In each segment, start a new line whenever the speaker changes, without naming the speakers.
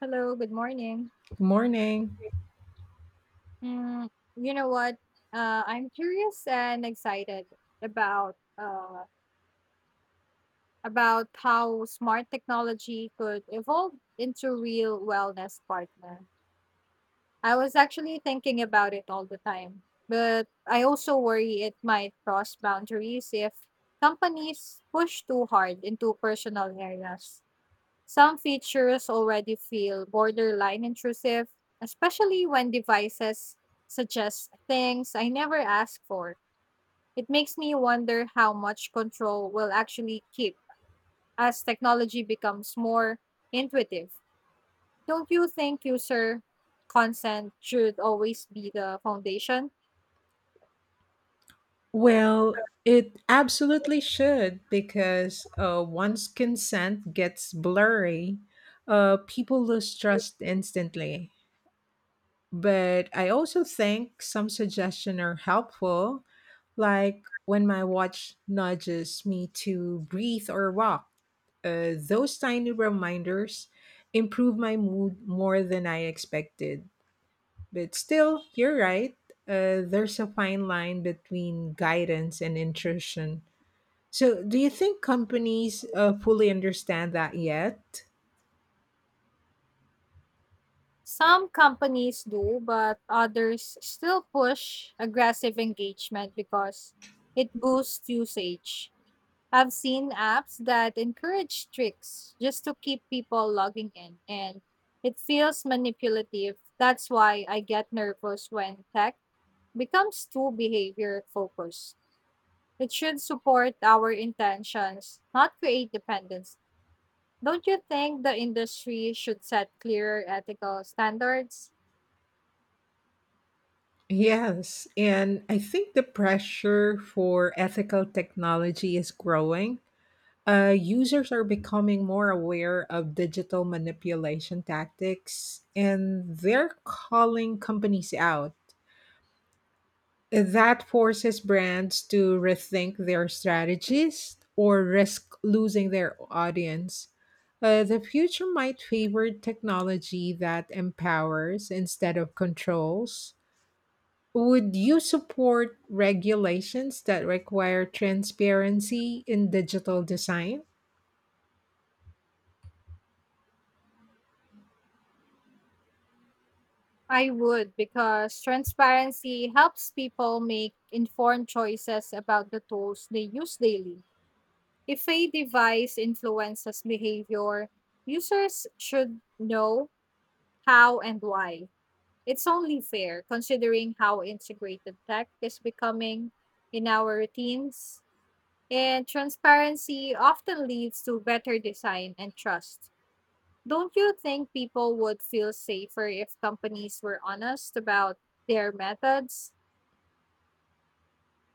Hello, good morning.
Morning.
Mm, you know what? I'm curious and excited about about how smart technology could evolve into real wellness partner. I was actually thinking about it all the time, but I also worry it might cross boundaries if companies push too hard into personal areas. Some features already feel borderline intrusive, especially when devices suggest things I never asked for. It makes me wonder how much control we'll actually keep as technology becomes more intuitive. Don't you think user consent should always be the foundation?
Well, it absolutely should because once consent gets blurry, people lose trust instantly. But I also think some suggestions are helpful, like when my watch nudges me to breathe or walk. Those tiny reminders improve my mood more than I expected. But still, you're right. There's a fine line between guidance and intrusion. So, do you think companies fully understand that yet?
Some companies do, but others still push aggressive engagement because it boosts usage. I've seen apps that encourage tricks just to keep people logging in, and it feels manipulative. That's why I get nervous when tech becomes too behavior focused. It should support our intentions, not create dependence. Don't you think the industry should set clearer ethical standards?
Yes, and I think the pressure for ethical technology is growing. Users are becoming more aware of digital manipulation tactics, and they're calling companies out. That forces brands to rethink their strategies or risk losing their audience. The future might favor technology that empowers instead of controls. Would you support regulations that require transparency in digital design?
I would because transparency helps people make informed choices about the tools they use daily. If a device influences behavior, users should know how and why. It's only fair considering how integrated tech is becoming in our routines, and transparency often leads to better design and trust. Don't you think people would feel safer if companies were honest about their methods?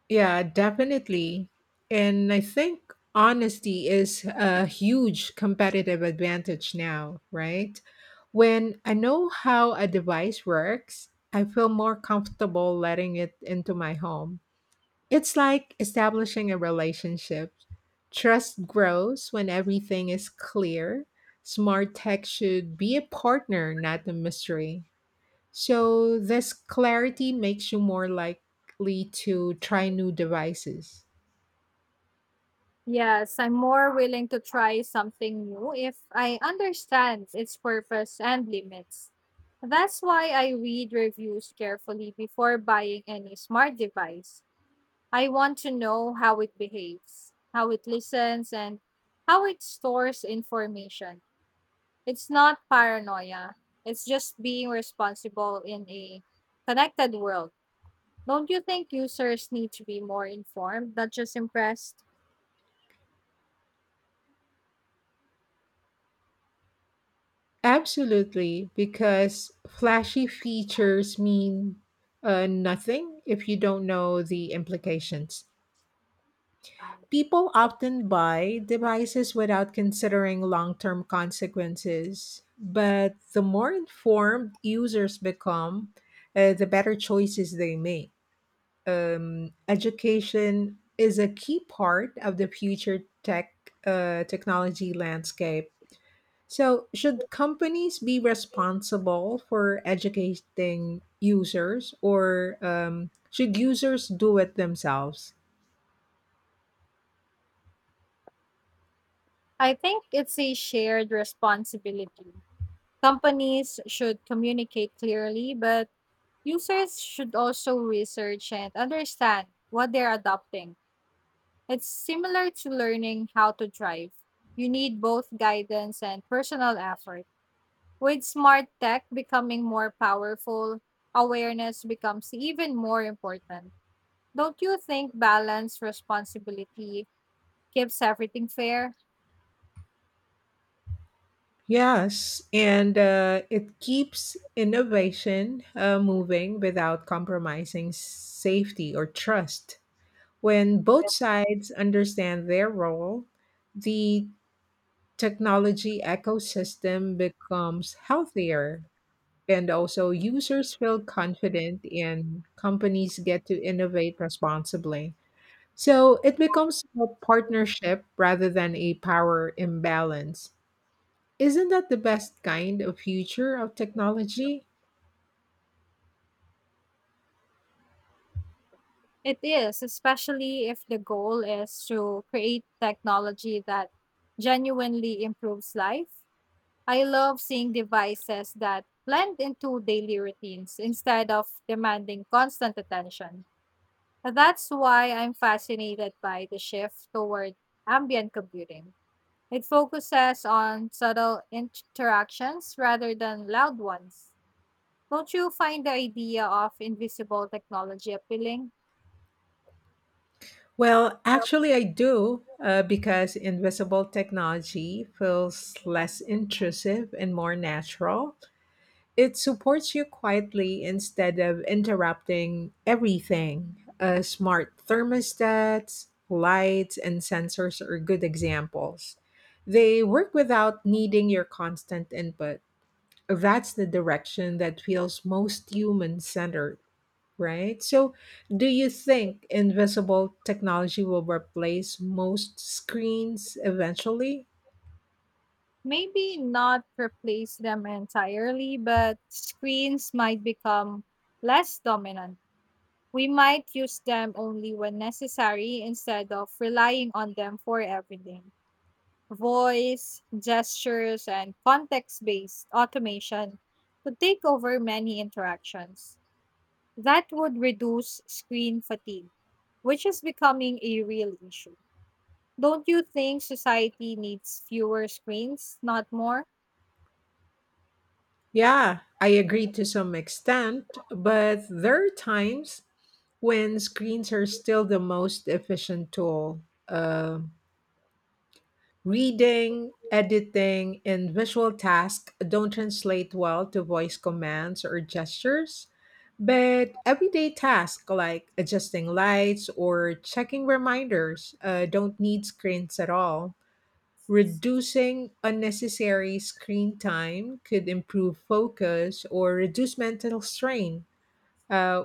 Yeah, definitely. And I think honesty is a huge competitive advantage now, right? When I know how a device works, I feel more comfortable letting it into my home. It's like establishing a relationship. Trust grows when everything is clear. Smart tech should be a partner, not a mystery. So this clarity makes you more likely to try new devices.
Yes, I'm more willing to try something new if I understand its purpose and limits. That's why I read reviews carefully before buying any smart device. I want to know how it behaves, how it listens, and how it stores information. It's not paranoia, it's just being responsible in a connected world. Don't you think users need to be more informed, not just impressed?
Absolutely, because flashy features mean nothing if you don't know the implications. People often buy devices without considering long term consequences, but the more informed users become, the better choices they make. Education is a key part of the future technology landscape. So, should companies be responsible for educating users, or should users do it themselves?
I think it's a shared responsibility. Companies should communicate clearly, but users should also research and understand what they're adopting. It's similar to learning how to drive. You need both guidance and personal effort. With smart tech becoming more powerful, awareness becomes even more important. Don't you think balanced responsibility keeps everything fair?
Yes, and it keeps innovation moving without compromising safety or trust. When both sides understand their role, the technology ecosystem becomes healthier, and also users feel confident and companies get to innovate responsibly, so it becomes a partnership rather than a power imbalance. Isn't that the best kind of future of technology?
It is, especially if the goal is to create technology that genuinely improves life. I love seeing devices that blend into daily routines instead of demanding constant attention. That's why I'm fascinated by the shift toward ambient computing. It focuses on subtle interactions rather than loud ones. Don't you find the idea of invisible technology appealing?
Well, actually, I do because invisible technology feels less intrusive and more natural. It supports you quietly instead of interrupting everything. Smart thermostats, lights, and sensors are good examples. They work without needing your constant input. That's the direction that feels most human centered, right? So, do you think invisible technology will replace most screens eventually?
Maybe not replace them entirely, but screens might become less dominant. We might use them only when necessary instead of relying on them for everything. Voice, gestures, and context based automation to take over many interactions. That would reduce screen fatigue, which is becoming a real issue. Don't you think society needs fewer screens, not more?
Yeah, I agree to some extent, but there are times when screens are still the most efficient tool. Uh, Reading, editing, and visual tasks don't translate well to voice commands or gestures, but everyday tasks like adjusting lights or checking reminders don't need screens at all. Reducing unnecessary screen time could improve focus or reduce mental strain. Uh,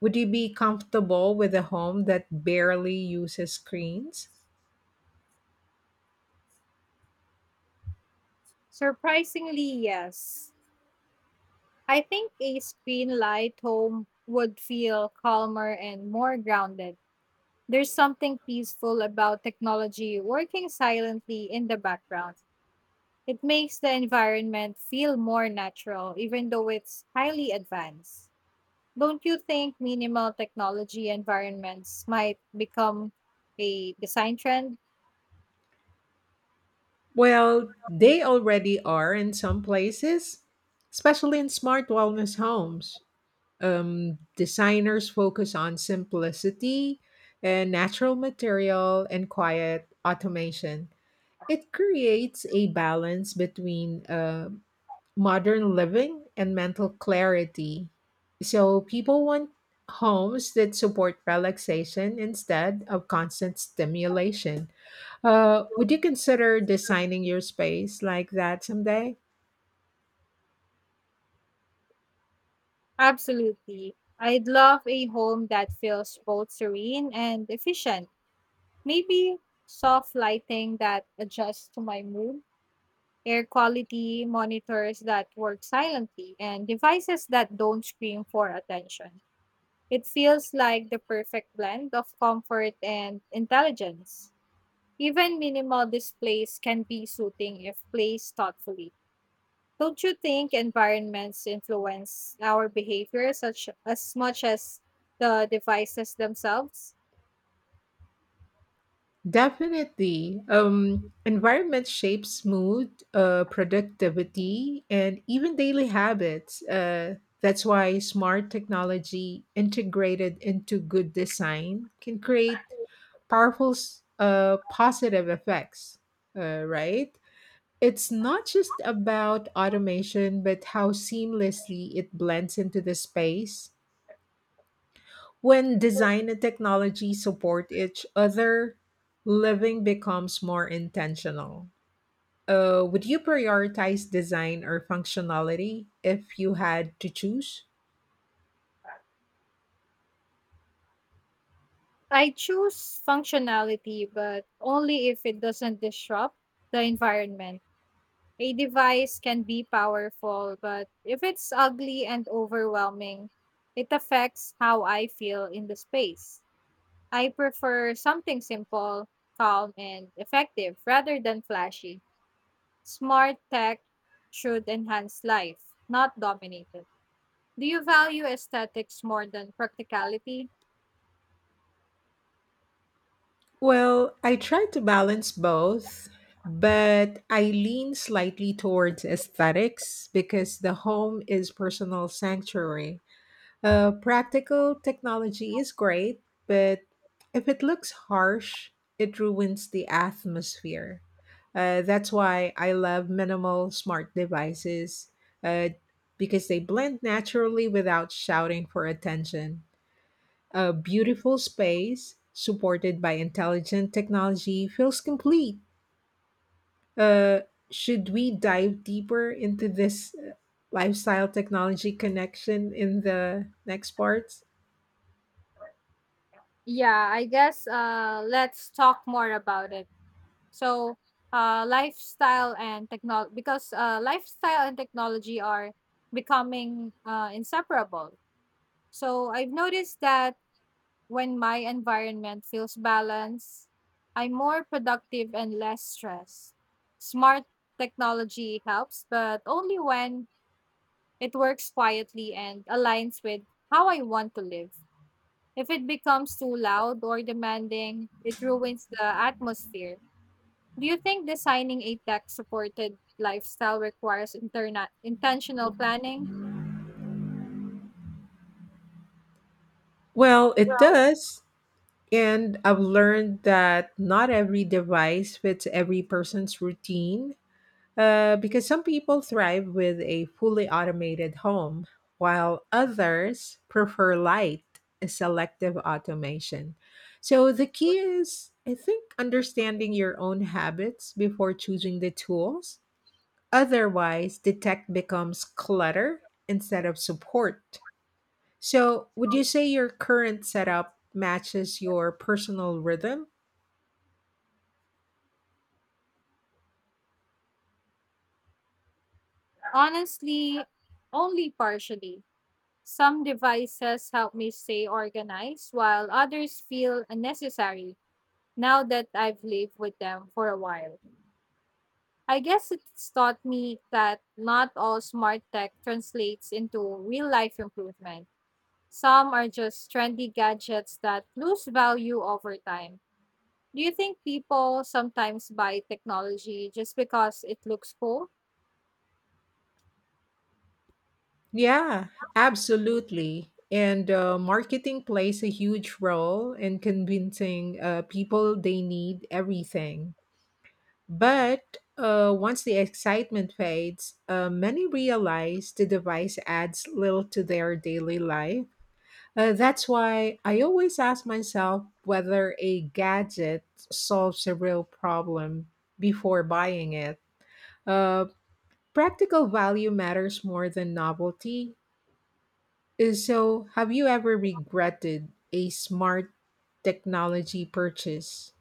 would you be comfortable with a home that barely uses screens?
Surprisingly, yes. I think a screen light home would feel calmer and more grounded. There's something peaceful about technology working silently in the background. It makes the environment feel more natural, even though it's highly advanced. Don't you think minimal technology environments might become a design trend?
Well, they already are in some places, especially in smart wellness homes. Designers focus on simplicity and natural material and quiet automation. It creates a balance between modern living and mental clarity. So people want homes that support relaxation instead of constant stimulation. Would you consider designing your space like that someday?
Absolutely. I'd love a home that feels both serene and efficient. Maybe soft lighting that adjusts to my mood, air quality monitors that work silently, and devices that don't scream for attention. It feels like the perfect blend of comfort and intelligence. Even minimal displays can be soothing if placed thoughtfully. Don't you think environments influence our behavior such as much as the devices themselves?
Definitely. Environment shapes mood, productivity, and even daily habits. That's why smart technology integrated into good design can create positive effects, right? It's not just about automation, but how seamlessly it blends into the space. When design and technology support each other, living becomes more intentional. Would you prioritize design or functionality if you had to choose?
I choose functionality, but only if it doesn't disrupt the environment. A device can be powerful, but if it's ugly and overwhelming, it affects how I feel in the space. I prefer something simple, calm, and effective rather than flashy. Smart tech should enhance life, not dominate it. Do you value aesthetics more than practicality?
Well, I try to balance both, but I lean slightly towards aesthetics because the home is personal sanctuary. Practical technology is great, but if it looks harsh, it ruins the atmosphere. That's why I love minimal smart devices uh, because they blend naturally without shouting for attention. A beautiful space supported by intelligent technology feels complete. Uh, should we dive deeper into this lifestyle technology connection in the next parts?
Yeah, I guess let's talk more about it. So, lifestyle and technology, because lifestyle and technology are becoming inseparable. So, I've noticed that when my environment feels balanced, I'm more productive and less stressed. Smart technology helps, but only when it works quietly and aligns with how I want to live. If it becomes too loud or demanding, it ruins the atmosphere. Do you think designing a tech supported lifestyle requires intentional planning?
Well, it does. And I've learned that not every device fits every person's routine. Because some people thrive with a fully automated home, while others prefer light, selective automation. So the key is, I think, understanding your own habits before choosing the tools. Otherwise, the tech becomes clutter instead of support. So, would you say your current setup matches your personal rhythm?
Honestly, only partially. Some devices help me stay organized, while others feel unnecessary now that I've lived with them for a while. I guess it's taught me that not all smart tech translates into real life improvement. Some are just trendy gadgets that lose value over time. Do you think people sometimes buy technology just because it looks cool?
Yeah, absolutely. And marketing plays a huge role in convincing people they need everything. But once the excitement fades, many realize the device adds little to their daily life. That's why I always ask myself whether a gadget solves a real problem before buying it. Uh, Practical value matters more than novelty. So, have you ever regretted a smart technology purchase?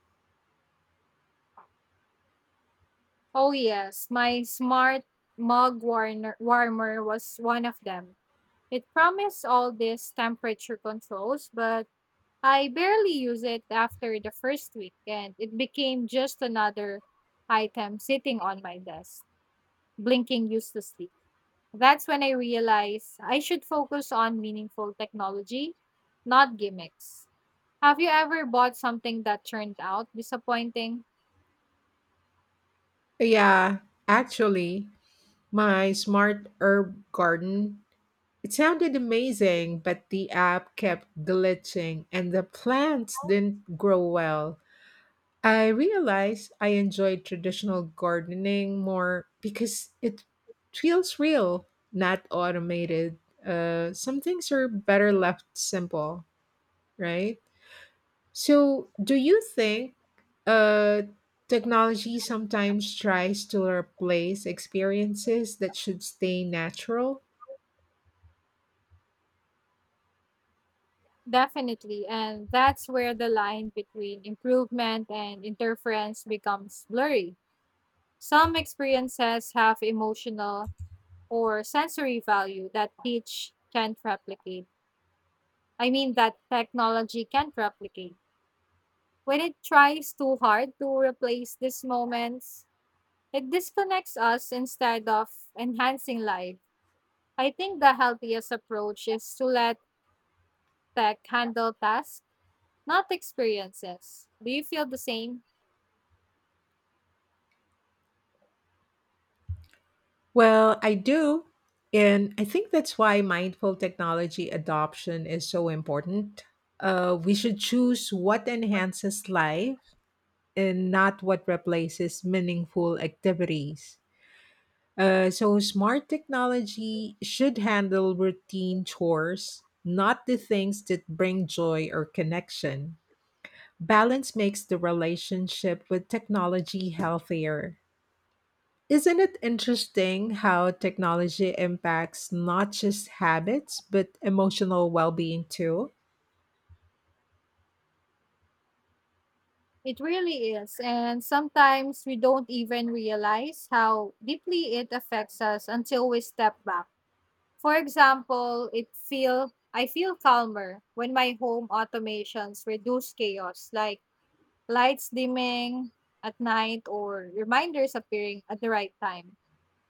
Oh, yes. My smart warmer was one of them. It promised all these temperature controls, but I barely use it after the first week, and it became just another item sitting on my desk, blinking uselessly. That's when I realized I should focus on meaningful technology, not gimmicks. Have you ever bought something that turned out disappointing?
Yeah, actually, my smart herb garden. It sounded amazing, but the app kept glitching and the plants didn't grow well. I realized I enjoyed traditional gardening more because it feels real, not automated. Some things are better left simple, right? So, do you think uh, technology sometimes tries to replace experiences that should stay natural?
Definitely. And that's where the line between improvement and interference becomes blurry. Some experiences have emotional or sensory value that teach can't replicate. I mean, that technology can't replicate. When it tries too hard to replace these moments, it disconnects us instead of enhancing life. I think the healthiest approach is to let tech handle tasks, not experiences. Do you feel the same?
Well, I do. And I think that's why mindful technology adoption is so important. We should choose what enhances life and not what replaces meaningful activities. So smart technology should handle routine chores, not the things that bring joy or connection. Balance makes the relationship with technology healthier. Isn't it interesting how technology impacts not just habits, but emotional well being too?
It really is. And sometimes we don't even realize how deeply it affects us until we step back. For example, it feel I feel calmer when my home automations reduce chaos, like lights dimming at night or reminders appearing at the right time.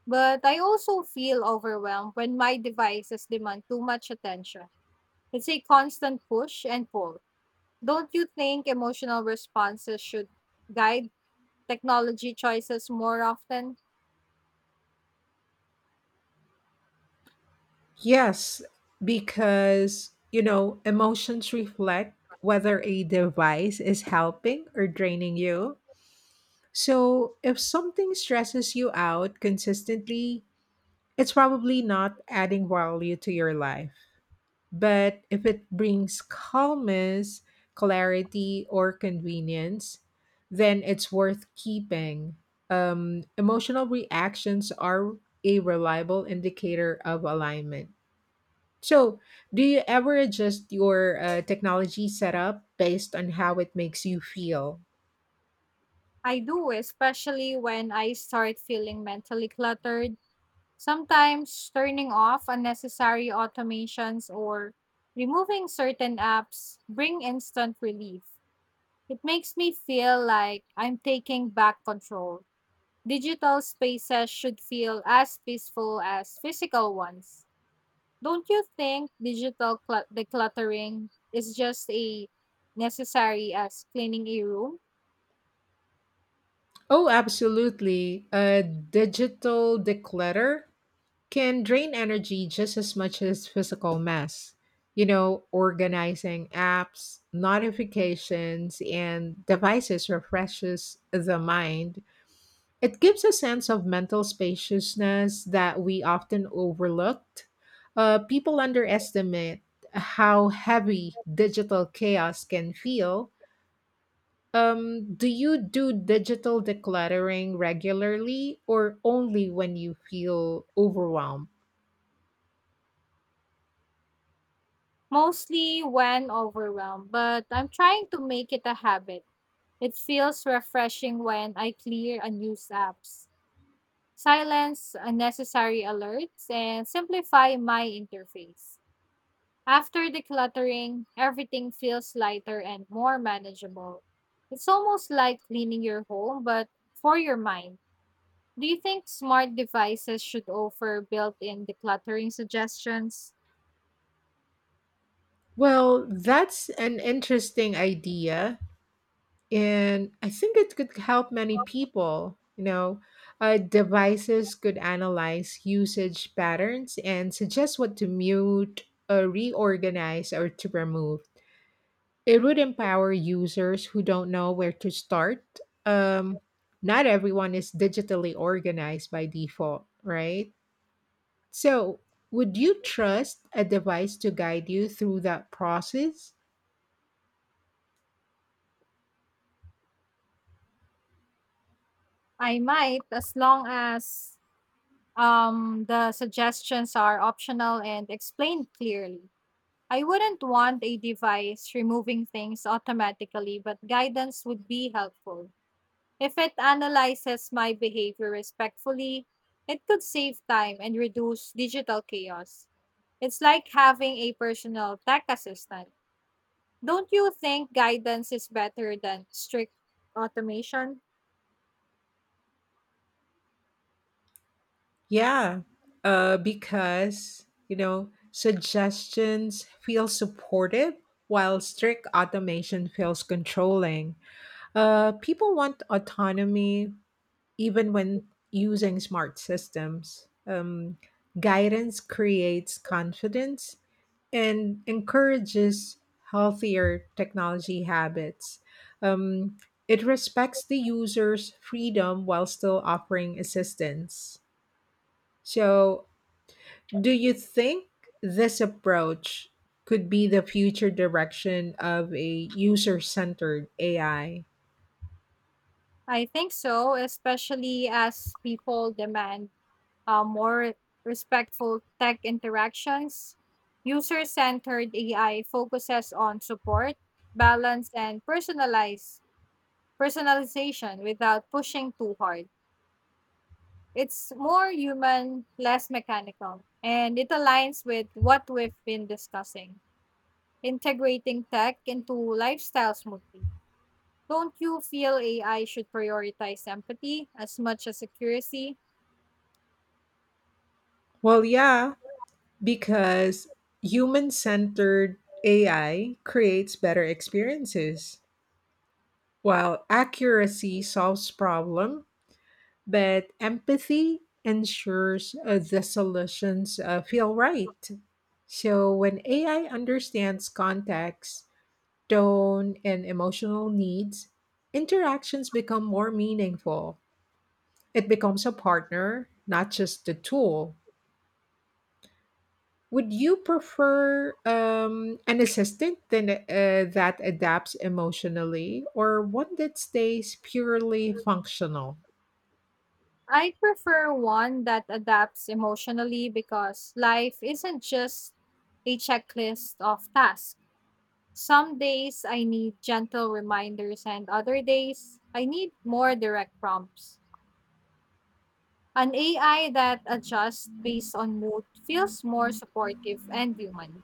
But I also feel overwhelmed when my devices demand too much attention. It's a constant push and pull. Don't you think emotional responses should guide technology choices more often?
Yes, because, you know, emotions reflect whether a device is helping or draining you. So, if something stresses you out consistently, it's probably not adding value to your life. But if it brings calmness, clarity, or convenience, then it's worth keeping. Emotional reactions are a reliable indicator of alignment. So, do you ever adjust your technology setup based on how it makes you feel?
I do, especially when I start feeling mentally cluttered. Sometimes turning off unnecessary automations or removing certain apps bring instant relief. It makes me feel like I'm taking back control. Digital spaces should feel as peaceful as physical ones. Don't you think decluttering is just a necessary as cleaning a room?
Oh, absolutely. Digital declutter can drain energy just as much as physical mess. You know, organizing apps, notifications, and devices refreshes the mind. It gives a sense of mental spaciousness that we often overlooked. People underestimate how heavy digital chaos can feel. Do you do digital decluttering regularly or only when you feel overwhelmed?
Mostly when overwhelmed, but I'm trying to make it a habit. It feels refreshing when I clear unused apps, silence unnecessary alerts, and simplify my interface. After decluttering, everything feels lighter and more manageable. It's almost like cleaning your home, but for your mind. Do you think smart devices should offer built in decluttering suggestions?
Well, that's an interesting idea, and I think it could help many people. You know, devices could analyze usage patterns and suggest what to mute, reorganize, or to remove. It would empower users who don't know where to start. Um, Not everyone is digitally organized by default, right? So, would you trust a device to guide you through that process?
I might, as long as the suggestions are optional and explained clearly. I wouldn't want a device removing things automatically, but guidance would be helpful. If it analyzes my behavior respectfully, it could save time and reduce digital chaos. It's like having a personal tech assistant. Don't you think guidance is better than strict automation?
Yeah, because, you know, suggestions feel supportive while strict automation feels controlling. People want autonomy even when using smart systems. Guidance creates confidence and encourages healthier technology habits. Um, it respects the user's freedom while still offering assistance. So, do you think this approach could be the future direction of a user centered AI?
I think so, especially as people demand more respectful tech interactions. User centered AI focuses on support, balance, and personalize personalization without pushing too hard. It's more human, less mechanical, and it aligns with what we've been discussing, integrating tech into lifestyle smoothly. Don't you feel AI should prioritize empathy as much as accuracy?
Well, yeah, because human centered AI creates better experiences, while accuracy solves problem, but empathy ensures the solutions feel right. So when AI understands context, tone, and emotional needs, interactions become more meaningful. It becomes a partner, not just a tool. Would you prefer an assistant that adapts emotionally or one that stays purely functional?
I prefer one that adapts emotionally because life isn't just a checklist of tasks. Some days I need gentle reminders, and other days I need more direct prompts. An AI that adjusts based on mood feels more supportive and human.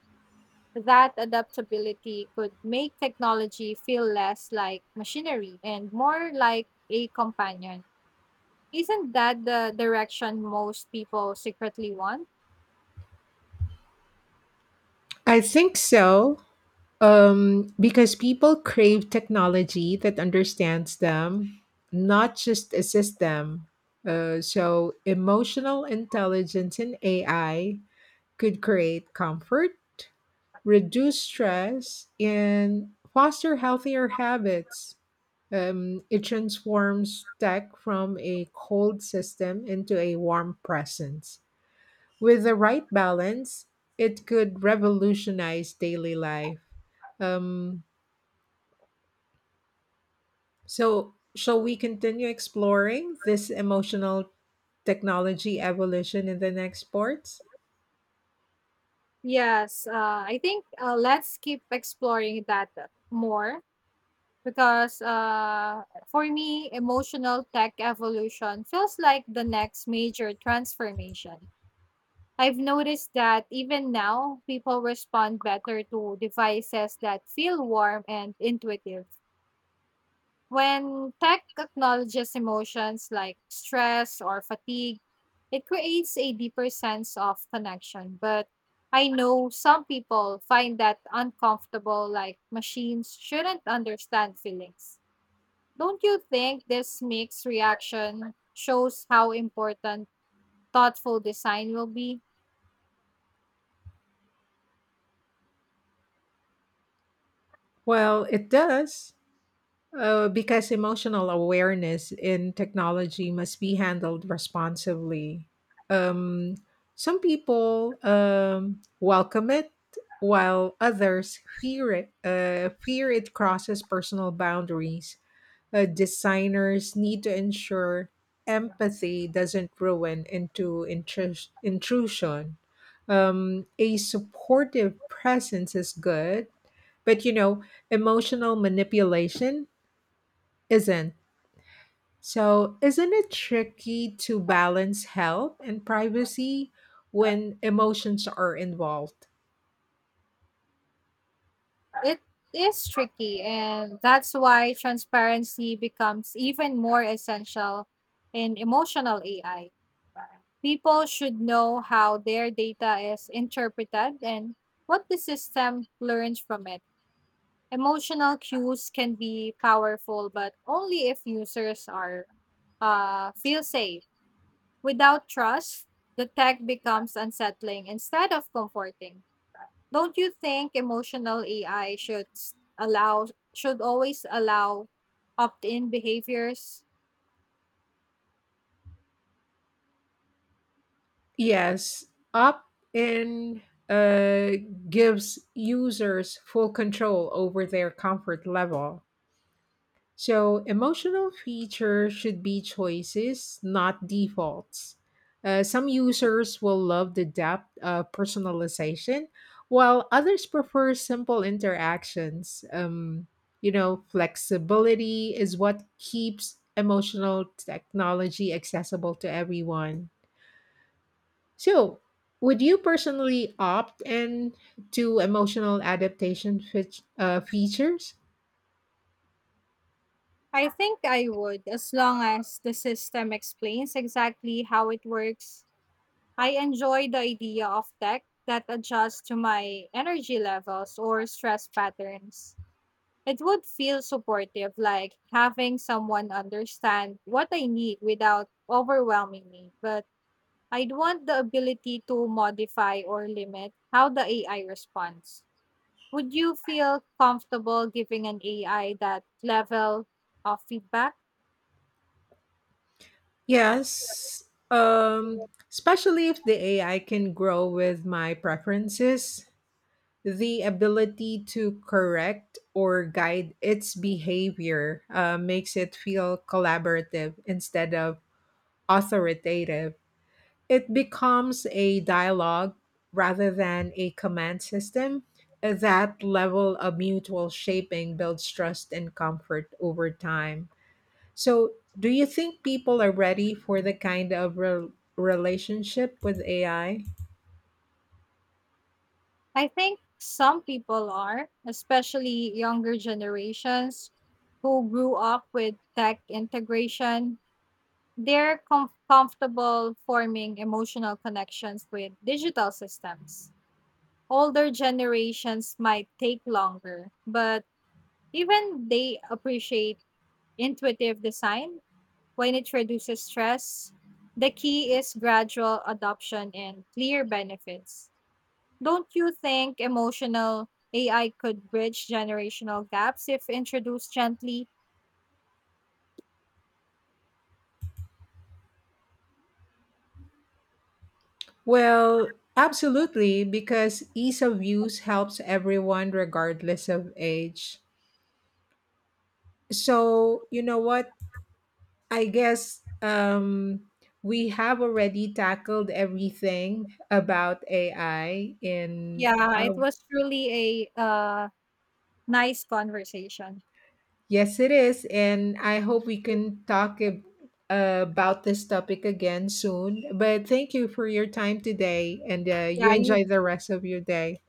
That adaptability could make technology feel less like machinery and more like a companion. Isn't that the direction most people secretly want?
I think so. Because people crave technology that understands them, not just assists them. So, emotional intelligence in AI could create comfort, reduce stress, and foster healthier habits. It transforms tech from a cold system into a warm presence. With the right balance, it could revolutionize daily life. Um, So, shall we continue exploring this emotional technology evolution in the next sports?
Yes, I think let's keep exploring that more because for me, emotional tech evolution feels like the next major transformation. I've noticed that even now, people respond better to devices that feel warm and intuitive. When tech acknowledges emotions like stress or fatigue, it creates a deeper sense of connection. But I know some people find that uncomfortable, like machines shouldn't understand feelings. Don't you think this mixed reaction shows how important thoughtful design will be?
Well, it does, because emotional awareness in technology must be handled responsibly. Um, some people welcome it, while others fear it. Fear it crosses personal boundaries. Designers need to ensure empathy doesn't ruin into intrusion. A supportive presence is good, but you know, emotional manipulation isn't. So, isn't it tricky to balance help and privacy when emotions are involved?
It is tricky, and that's why transparency becomes even more essential in emotional AI. People should know how their data is interpreted and what the system learns from it. Emotional cues can be powerful, but only if users are feel safe. Without trust, the tech becomes unsettling instead of comforting. Don't you think emotional AI should s- allow should always allow opt-in behaviors?
Yes, up in uh, gives users full control over their comfort level. So, emotional features should be choices, not defaults. Some users will love the depth of personalization, while others prefer simple interactions. You know, flexibility is what keeps emotional technology accessible to everyone. So, would you personally opt in to emotional adaptation features?
I think I would as long as the system explains exactly how it works. I enjoy the idea of tech that adjusts to my energy levels or stress patterns. It would feel supportive like having someone understand what I need without overwhelming me, but I'd want the ability to modify or limit how the AI responds. Would you feel comfortable giving an AI that level of feedback?
Yes, especially if the AI can grow with my preferences. The ability to correct or guide its behavior makes it feel collaborative instead of authoritative. It becomes a dialogue rather than a command system. That level of mutual shaping builds trust and comfort over time. So, do you think people are ready for the kind of relationship with AI?
I think some people are, especially younger generations who grew up with tech integration. Comfortable forming emotional connections with digital systems. Older generations might take longer, but even they appreciate intuitive design when it reduces stress. The key is gradual adoption and clear benefits. Don't you think emotional AI could bridge generational gaps if introduced gently?
Well, absolutely, because ease of use helps everyone regardless of age. So, you know what? I guess we have already tackled everything about AI in.
Yeah, it was truly a nice conversation.
Yes, it is, and I hope we can talk about this topic again soon. But thank you for your time today, and you
Yeah, you
enjoy the rest of your day.